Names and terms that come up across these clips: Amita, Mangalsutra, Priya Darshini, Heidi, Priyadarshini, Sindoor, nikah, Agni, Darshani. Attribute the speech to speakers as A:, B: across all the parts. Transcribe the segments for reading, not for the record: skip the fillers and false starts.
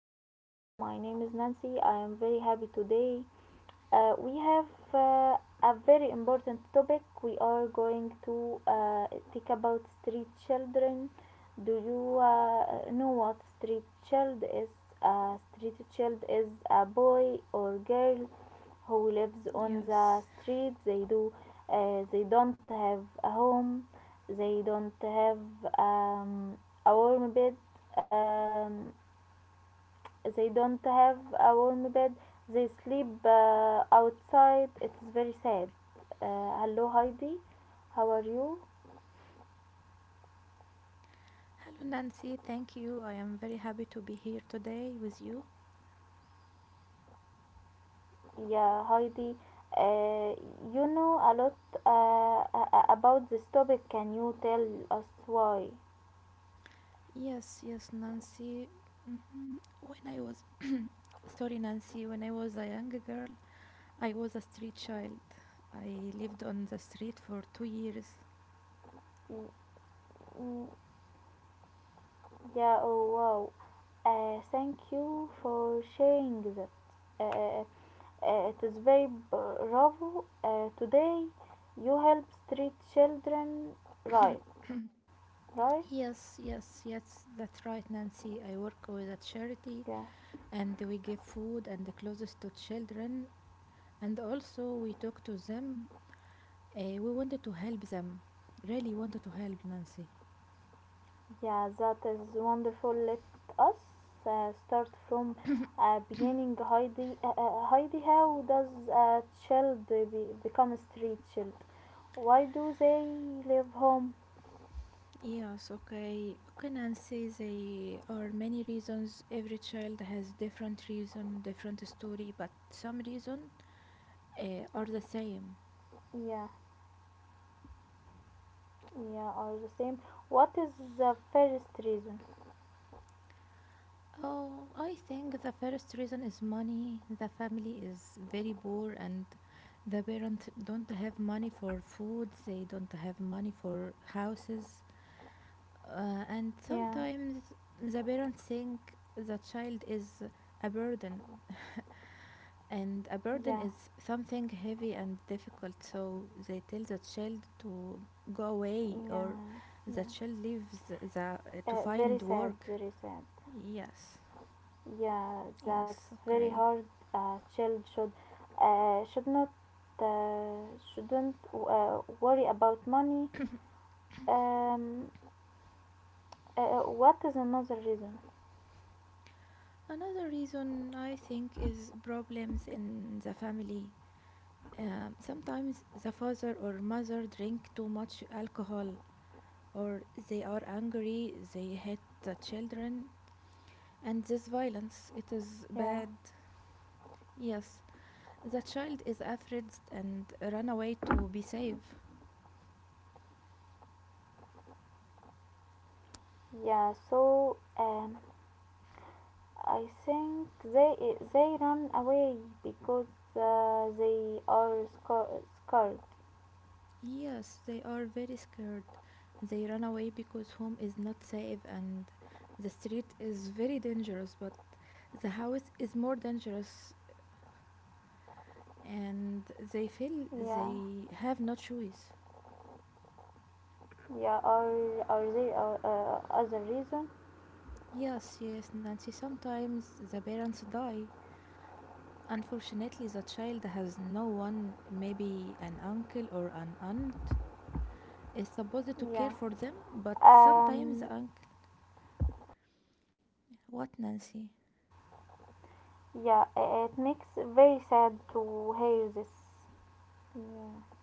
A: podcast. My name is Nancy. I am very happy today. We have uh, a very important topic. We are going to think about street children. Do you know what street child is? A street child is a boy or girl who lives on the
B: Yes.
A: street. They do. They don't have a home. They don't have um, a warm bed. um, they don't have a warm bed. They sleep outside. It's very sad. Hello, Heidi. How are you?
B: Hello, Nancy. Thank you. I am very happy to be here today with you.
A: Yeah, Heidi, uh, you know a lot about this topic. Can you tell us why?
B: Yes, yes, Nancy. When I was, sorry, Nancy, when I was a young girl, I was a street child. I lived on the street for 2 years.
A: Mm, mm, yeah, oh wow. Thank you for sharing that. uh, uh, it is very bravo. Today you help street children, right? Right?
B: Yes, yes, yes, that's right, Nancy. I work with a charity
A: Yeah.
B: and we give food and the clothes to children. And also, we talk to them. We wanted to help them. Really wanted to help, Nancy.
A: Yeah, that is wonderful. Let us start from beginning. Heidi, Heidi, how does a child become a street child? Why do they leave home?
B: Yes, okay. Okay, Nancy, there are many reasons. Every child has different reason, different story, but some reason are the same.
A: Yeah, yeah, are the same. What is the first reason?
B: Oh, I think the first reason is money. The family is very poor and the parents don't have money for food, they don't have money for houses. And
A: Yeah,
B: sometimes the parents think the child is a burden And a burden
A: yeah,
B: is something heavy and difficult, so they tell the child to go away or
A: yeah,
B: the
A: yeah.
B: child leaves the, to
A: Very
B: find
A: sad,
B: work.
A: very sad.
B: Yes,
A: Yeah,
B: yes,
A: that's very
B: okay.
A: hard. A child uh, should not uh, shouldn't worry about money. Um, what is another reason?
B: Another reason I think is problems in the family. Sometimes the father or mother drink too much alcohol or they are angry, they hit the children, and this violence it is
A: Yeah,
B: bad. Yes, the child is afraid and run away to be safe.
A: yeah. So I think they run away because they are scared.
B: Yes, they are very scared. They run away because home is not safe and the street is very dangerous, but the house is more dangerous and they feel
A: Yeah,
B: they have no choice.
A: yeah. Or they are other reason.
B: Yes, yes, Nancy, sometimes the parents die. Unfortunately, the child has no one, maybe an uncle or an aunt, is supposed to care
A: Yeah.
B: for them, but sometimes
A: Um.
B: the uncle. What, Nancy?
A: Yeah, it makes very sad to hear this. Yeah.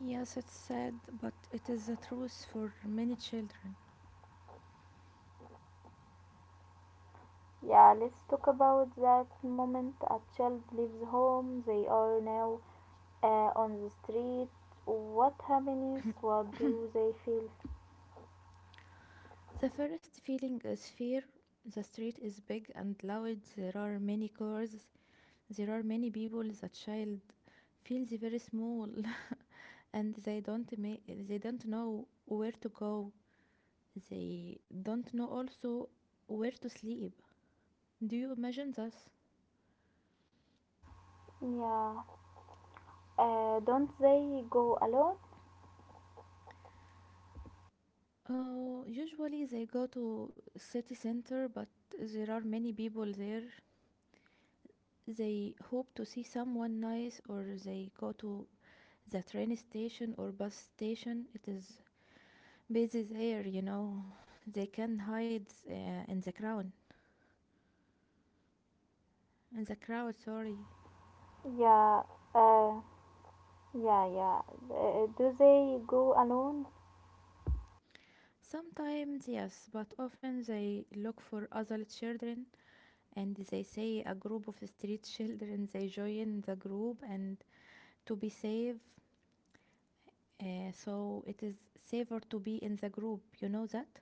B: Yes, it's sad, but it is the truth for many children.
A: Yeah, let's talk about that moment a child leaves home. They are now on the street. What happens? What do they feel?
B: The first feeling is fear. The street is big and loud, there are many cars, there are many people. The child feels very small and they don't know where to go. They don't know also where to sleep. Do you imagine this?
A: Yeah, don't they go alone?
B: Oh, usually they go to city center, but there are many people there. They hope to see someone nice, or they go to the train station or bus station. It is busy there, you know, they can hide in the crowd in the crowd, sorry.
A: Yeah, uh, yeah, yeah. Do they go alone?
B: Sometimes yes, but often they look for other children, and they say a group of street children, they join the group and to be safe. So it is safer to be in the group, you know, that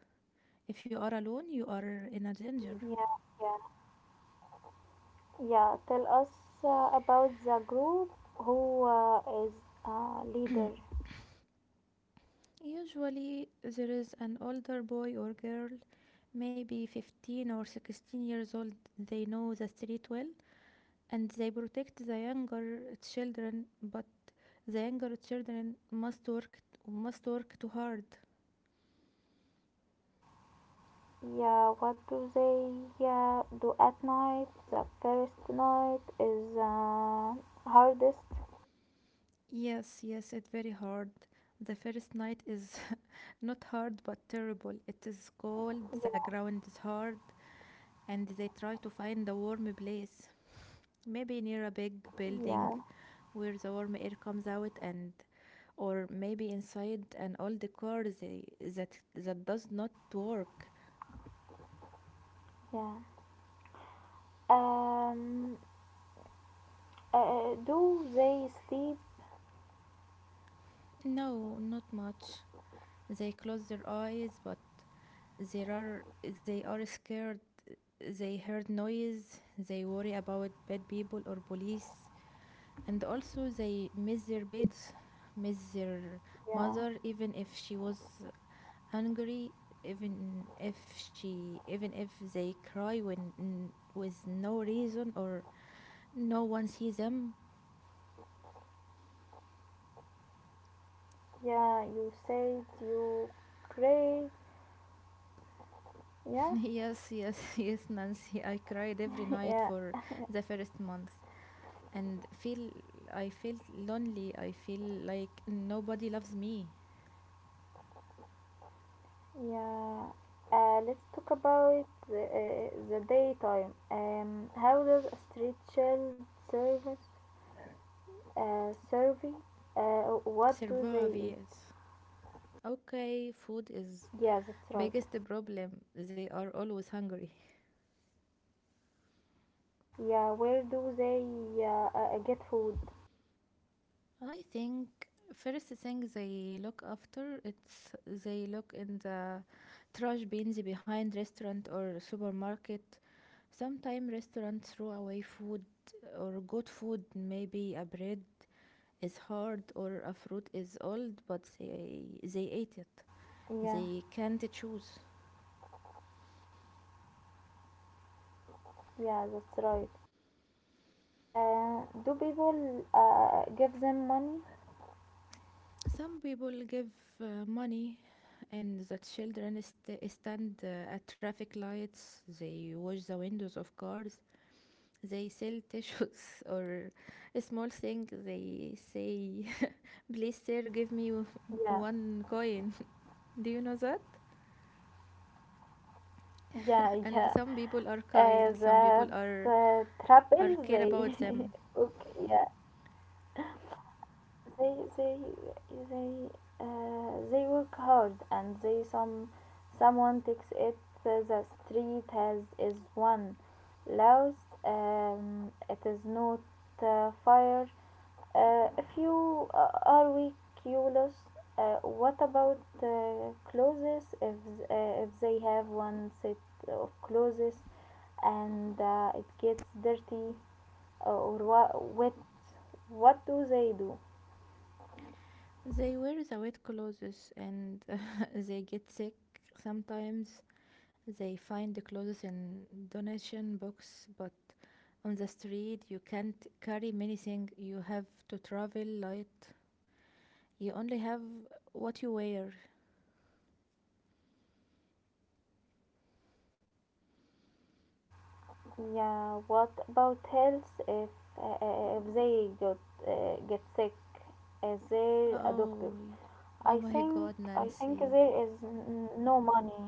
B: if you are alone you are in a danger.
A: Yeah, yeah, yeah. Tell us about the group. Who is leader?
B: Usually, there is an older boy or girl, maybe 15 or 16 years old. They know the street well and they protect the younger children, but the younger children must work too hard.
A: Yeah, what do they do at night? The first night is hardest.
B: Yes, yes, it's very hard. The first night is not hard but terrible. It is cold, the
A: Yeah,
B: ground is hard, and they try to find a warm place. Maybe near a big building
A: yeah,
B: where the warm air comes out, and or maybe inside an old car they, that does not work.
A: yeah. Um, do they sleep?
B: No, not much. They close their eyes, but they are they are scared. They heard noise, they worry about bad people or police, and also they miss their beds, miss their
A: Yeah,
B: mother, even if she was angry, even if they cry when with no reason, or no one sees them.
A: yeah. You said you pray. Yeah,
B: Yes, yes, yes, Nancy. I cried every night
A: yeah,
B: for the first month, and feel I feel lonely. I feel like nobody loves me.
A: yeah. Let's talk about the daytime. How does a street child service survey? What do they
B: Survive, yes. Okay, food is
A: eat? Yeah, that's right.
B: biggest problem. They are always hungry.
A: Yeah, where do they get food?
B: I think first thing they look after it's they look in the trash bins behind restaurant or supermarket. Sometimes restaurants throw away food or good food. Maybe a bread is hard or a fruit is old, but they ate it.
A: Yeah,
B: They can't choose.
A: yeah, that's right. Do people give them money?
B: Some people give money, and the children stand at traffic lights. They wash the windows of cars. They sell tissues or a small thing. They say, "Please, sir, give me
A: Yeah,
B: one coin." Do you know that?
A: yeah,
B: And
A: yeah.
B: some people are kind, some people
A: That
B: are
A: trouble
B: care about
A: they.
B: them.
A: Okay, yeah. they they they they work hard, and they someone takes it. The street has is one loud. It is not fire. If you are we curious. What about clothes? If they have one set of clothes, and it gets dirty or wet, what do they do?
B: They wear the wet clothes and they get sick. Sometimes they find the clothes in donation box, but on the street you can't carry many things, you have to travel light. You only have what you wear.
A: Yeah, what about health? If they got get sick? Is there a doctor?
B: Oh, oh
A: I
B: my
A: think
B: god,
A: I think
B: Nancy.
A: there is no money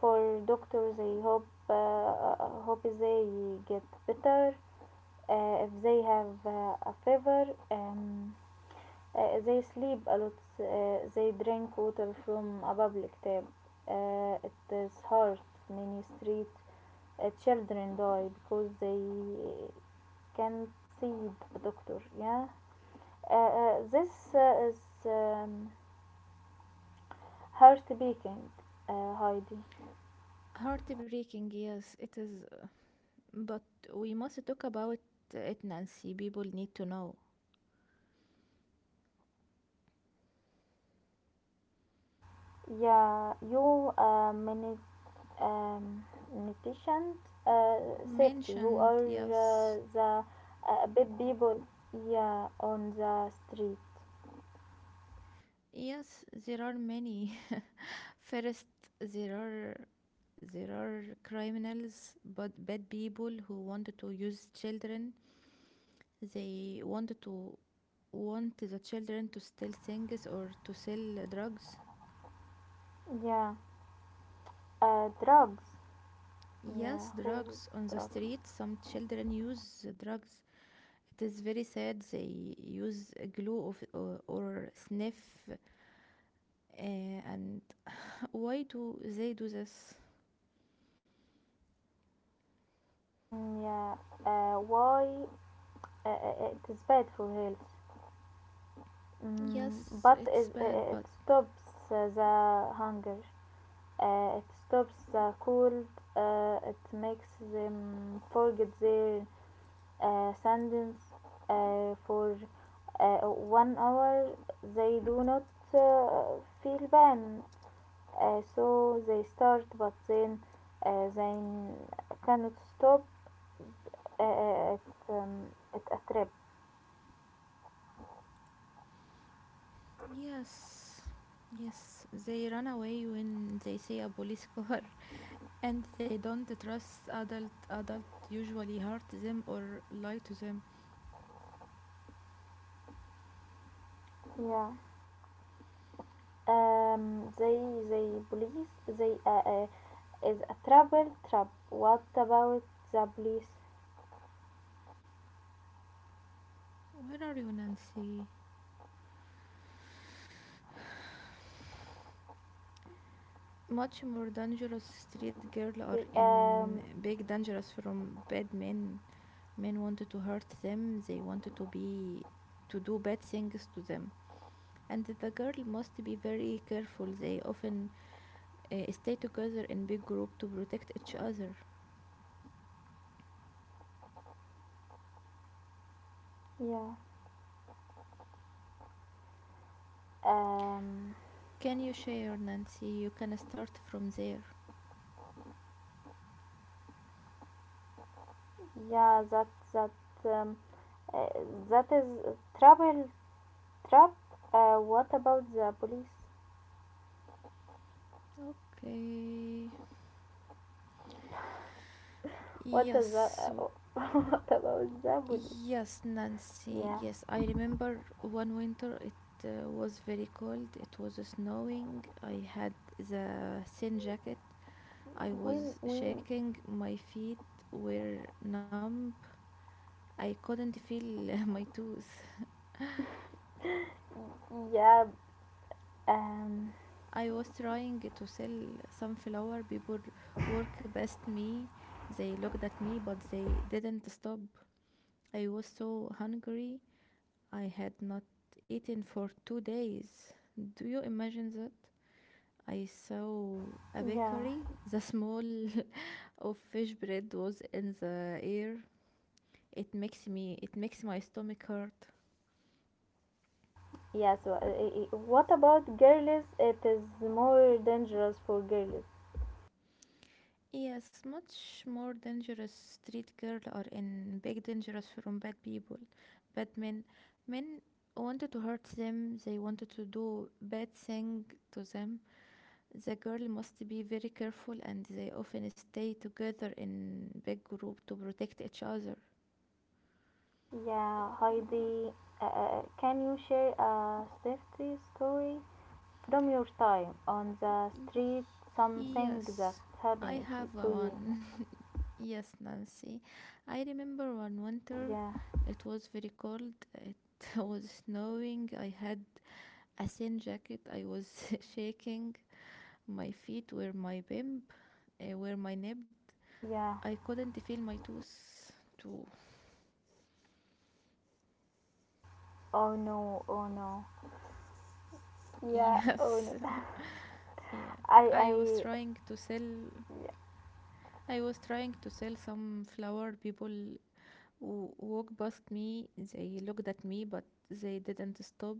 A: for doctors. I hope they get better if they have a fever. Um, آه، They sleep a lot. آه، They drink water from a public tap. آه، It is hard. Many street آه، children die because they can't see a doctor. Yeah. Uh, this is um, heart beating, Heidi.
B: Heartbreaking, yes, it is, but we must talk about it, Nancy. People need to know.
A: Yeah, you um, nutrition uh, safety. Who
B: Mentioned,
A: are
B: yes.
A: the big people, yeah, on the street?
B: Yes, there are many. First, there are there are criminals, but bad people who wanted to use children. They wanted to want the children to steal things or to sell drugs.
A: Yeah. Drugs.
B: Yes,
A: Yeah. Who
B: drugs on the
A: drugs?
B: street, some children use drugs. It is very sad. They use glue or sniff uh, and why do they do this?
A: Mm, yeah. Why? It is bad for health. Mm,
B: Yes,
A: but
B: it's
A: it, uh,
B: bad,
A: uh, it
B: but
A: stops the hunger. It stops the cold. It makes them forget their sentence for 1 hour. They do not feel pain. So they start, but then they cannot stop uh, at, um, at a trip.
B: yes, yes, they run away when they see a police car, and they don't trust adult. Adult usually hurt them or lie to them.
A: Yeah. um, they they police, they is a trouble trap. What about the police?
B: Where are you, Nancy? Much more dangerous street girl or
A: We.
B: in big dangerous from bad men. Men wanted to hurt them. They wanted to be to do bad things to them. And the girl must be very careful. They often stay together in big group to protect each other.
A: Yeah, um
B: Can you share, Nancy? You can start from there.
A: yeah that um, uh, that is trouble trap. What about the police?
B: Okay.
A: What
B: Yes.
A: is the
B: so-
A: what about the police?
B: Yes, Nancy.
A: Yeah,
B: Yes, I remember one winter it was very cold. It was snowing. I had the thin jacket. I
A: when
B: was
A: when
B: shaking. My feet were numb. I couldn't feel my toes.
A: yeah, um
B: I was trying to sell sunflower. People work past me. They looked at me, but they didn't stop. I was so hungry. I had not eaten for 2 days. Do you imagine that? I saw a
A: yeah,
B: bakery. The smell of fish bread was in the air. It makes me. It makes my stomach hurt.
A: yeah, so what about girls? It is more dangerous for girls.
B: Yes, much more dangerous street girl or in big dangerous from bad people. But men men wanted to hurt them, they wanted to do bad thing to them. The girl must be very careful and they often stay together in big group to protect each other.
A: Yeah, Heidi, can you share a safety story from your time on the
B: Y-
A: street, something that
B: Yes, I
A: happened to
B: have a
A: to you?
B: one. Yes, Nancy. I remember one winter,
A: Yeah,
B: it was very cold, it was snowing. I had a thin jacket. I was shaking. My feet were my bimp, were my nib.
A: yeah,
B: I couldn't feel my toes too.
A: oh no, oh no, yeah,
B: Yes,
A: oh no,
B: yeah. I was
A: I
B: trying to sell. I was trying to sell some flower. People who walked past me. They looked at me, but they didn't stop.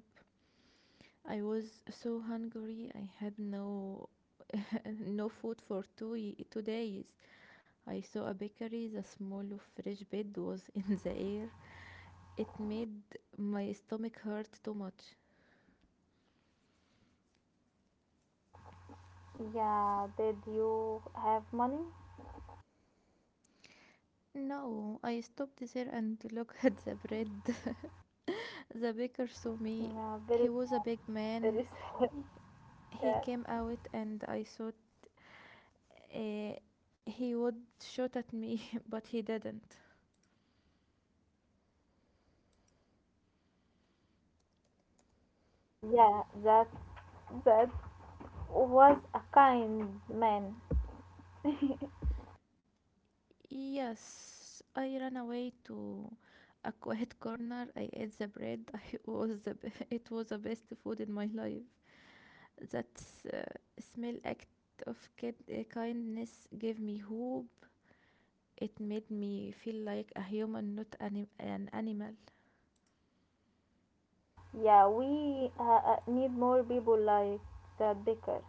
B: I was so hungry. I had no no food for two y- 2 days. I saw a bakery. The smell of fresh bread was in the air. It made my stomach hurt too much.
A: yeah, did you have money?
B: No, I stopped there and looked at the bread. The baker saw me.
A: Yeah, very
B: He was a
A: sad,
B: big man.
A: very sad.
B: He
A: Yeah,
B: came out and I thought uh, he would shoot at me, but he didn't.
A: yeah, that was a kind man.
B: Yes, I ran away to a quiet corner. I ate the bread. I was the be- It was the best food in my life. That uh, small act of kindness gave me hope. It made me feel like a human, not an animal.
A: Yeah, we need more people like that Baker.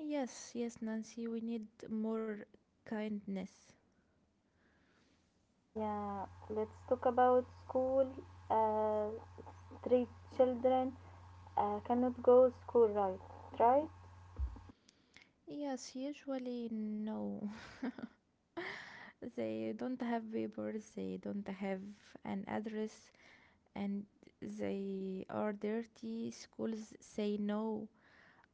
B: Yes, yes, Nancy, we need more kindness.
A: Yeah, let's talk about school. Uh, Three children cannot go school, right? Right?
B: Yes, usually no. They don't have papers, they don't have an address, and they are dirty. Schools say no.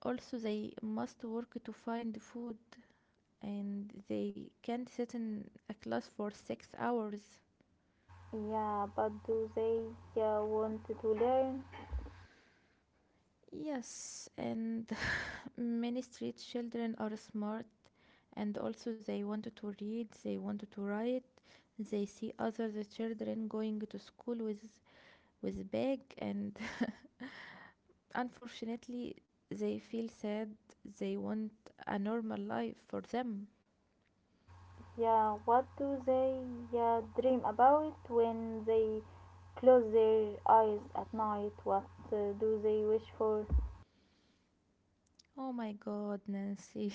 B: Also, they must work to find food, and they can't sit in a class for 6 hours.
A: Yeah, but do they want to learn?
B: Yes, and many street children are smart, and also they wanted to read, they wanted to write. They see other the children going to school with bag, and unfortunately they feel sad. They want a normal life for them.
A: Yeah, what do they dream about when they close their eyes at night? What do they wish for?
B: Oh my god, Nancy.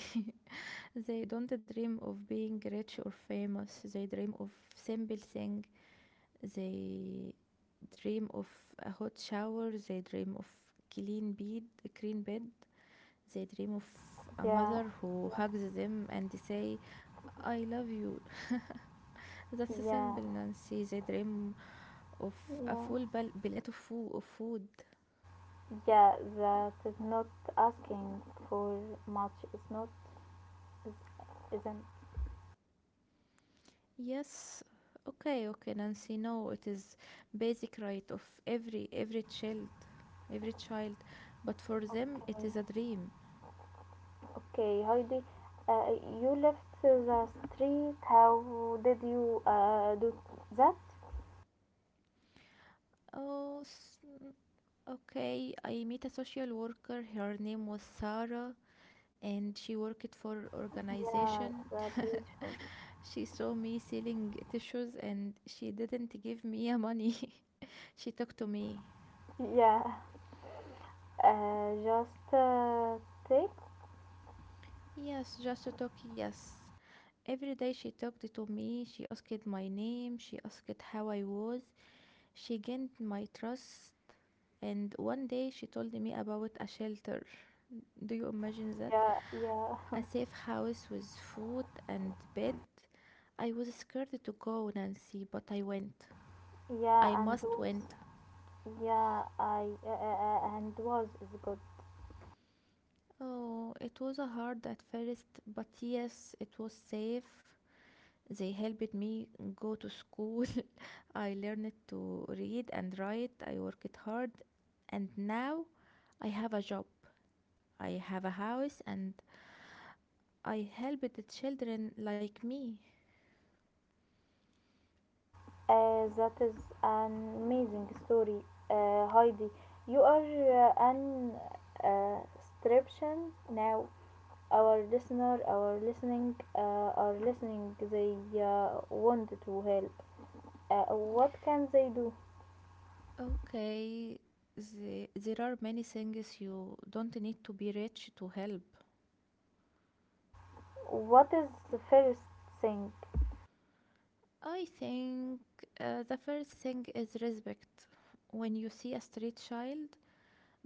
B: They don't dream of being rich or famous. They dream of simple thing. They dream of a hot shower. They dream of clean bed, clean bed. They dream of a
A: Yeah,
B: mother who hugs them and say, I love you. That's
A: yeah,
B: simple, Nancy. They dream of a
A: yeah,
B: plate of of food.
A: yeah. That is not asking for much. It's not. is- Isn't.
B: Yes. Okay, okay, Nancy. No, it is basic right of every child, every child. But for them, it is a dream.
A: Okay, Heidi. Uh, you left the street. How did you do that?
B: Oh, okay. I meet a social worker. Her name was Sarah, and she worked for
A: Yeah,
B: organization.
A: that beautiful.
B: She saw me selling tissues and she didn't give me a money. She talked to me.
A: Yeah, just take.
B: Yes, just to talk, yes. Every day she talked to me. She asked my name. She asked how I was. She gained my trust. And one day she told me about a shelter. Do you imagine that?
A: Yeah, yeah,
B: A safe house with food and bed. I was scared to go, Nancy, but I went.
A: yeah,
B: I
A: and
B: must
A: do.
B: went.
A: Yeah, I and was is good.
B: Oh, it was a hard at first, but yes, it was safe. They helped me go to school. I learned to read and write. I worked hard, and now I have a job. I have a house, and I help the children like me.
A: That is an amazing story, Heidi. You are an uh, stription now. Our listener, our listening, are listening. They want to help. What can they do?
B: Okay, there are many things, you don't need to be rich to help.
A: What is the first thing?
B: I think the first thing is respect. When you see a street child,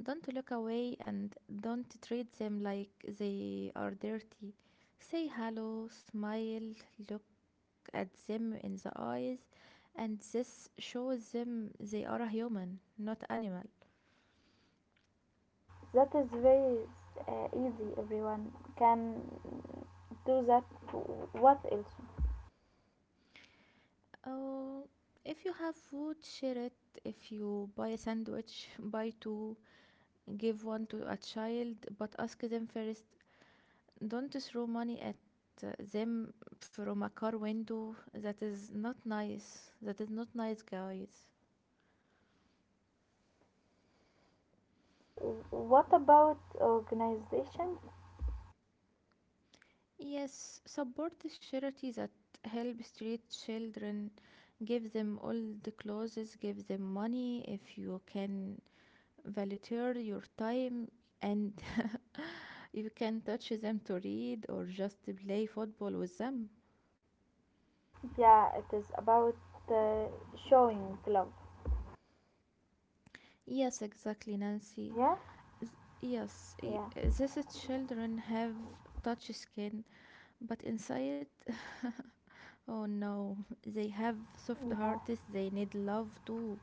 B: don't look away and don't treat them like they are dirty. Say hello, smile, look at them in the eyes, and this shows them they are a human, not animal.
A: That is very easy. Everyone can do that. What else?
B: Oh, if you have food, share it. If you buy a sandwich, buy two. Give one to a child, but ask them first. Don't throw money at them from a car window. That is not nice. That is not nice, guys.
A: What about organization?
B: Yes, support the charity that help street children. Give them all the clothes, give them money if you can, volunteer your time, and you can touch them to read or just play football with them.
A: Yeah, it is about uh, showing love.
B: Yes, exactly, Nancy.
A: Yeah.
B: S- Yes,
A: Yeah,
B: these children have touch skin, but inside, oh no, they have soft
A: yeah,
B: hearts, they need love too.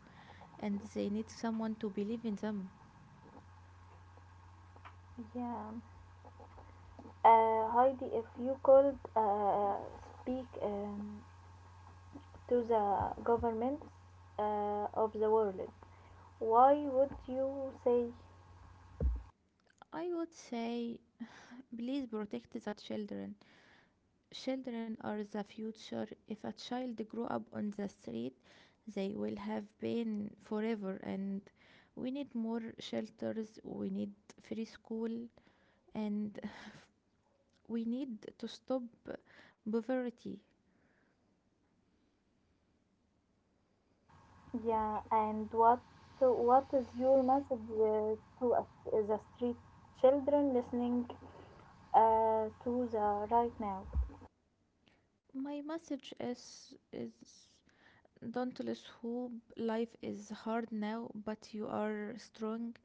B: And they need someone to believe in them.
A: yeah. Heidi, if you could speak to the governments of the world, why would you say?
B: I would say, please protect the children. Children are the future. If a child grow up on the street, they will have pain forever. And we need more shelters. We need free school, and we need to stop poverty.
A: Yeah, and what, so what is your message to us, the street children listening to the right now.
B: My message is don't lose hope. Life is hard now, but you are strong,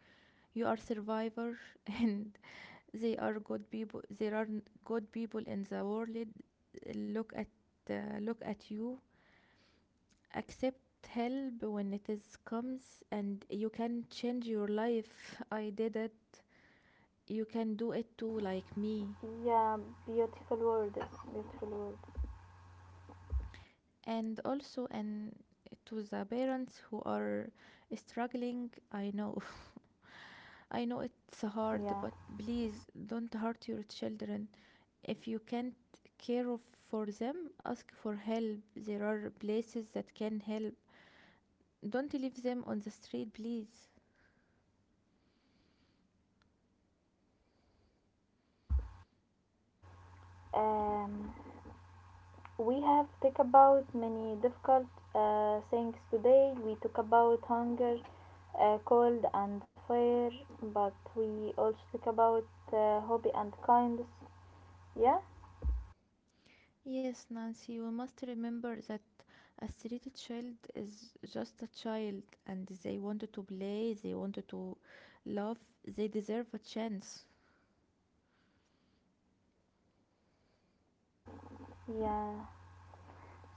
B: you are survivor, and they are good people, there are good people in the world. Look at look at you, accept help when it is comes, and you can change your life. I did it, you can do it too like me.
A: Yeah, beautiful word, beautiful word.
B: And also and to the parents who are struggling, I know, I know it's hard,
A: Yeah.
B: but please don't hurt your children. If you can't care of- for them, ask for help, there are places that can help. Don't leave them on the street, please.
A: Yeah. Um, we have talked about many difficult things today. We talk about hunger, cold, and fire, but we also talk about hobby and kindness. Yeah,
B: Yes, Nancy, we must remember that a street child is just a child, and they wanted to play, they wanted to love, they deserve a chance.
A: yeah.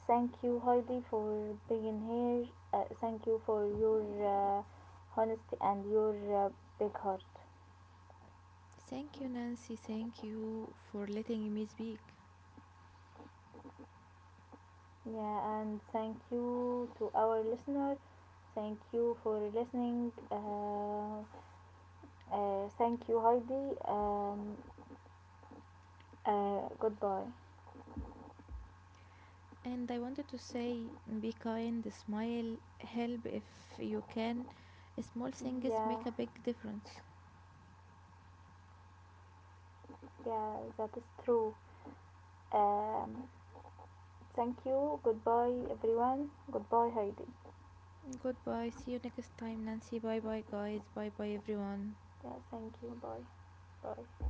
A: Thank you, Heidi, for being here. Thank you for your honesty and your uh, big heart.
B: Thank you, Nancy, thank you for letting me speak.
A: Yeah, and thank you to our listener. Thank you for listening. Thank you, Heidi. Goodbye.
B: And I wanted to say be kind, smile, help if you can. Small things
A: Yeah,
B: make a big difference.
A: yeah, that is true. Um, Thank you. Goodbye, everyone. Goodbye, Heidi.
B: Goodbye. See you next time, Nancy. Bye bye, guys. Bye bye, everyone.
A: Yeah, thank you. Bye. Bye.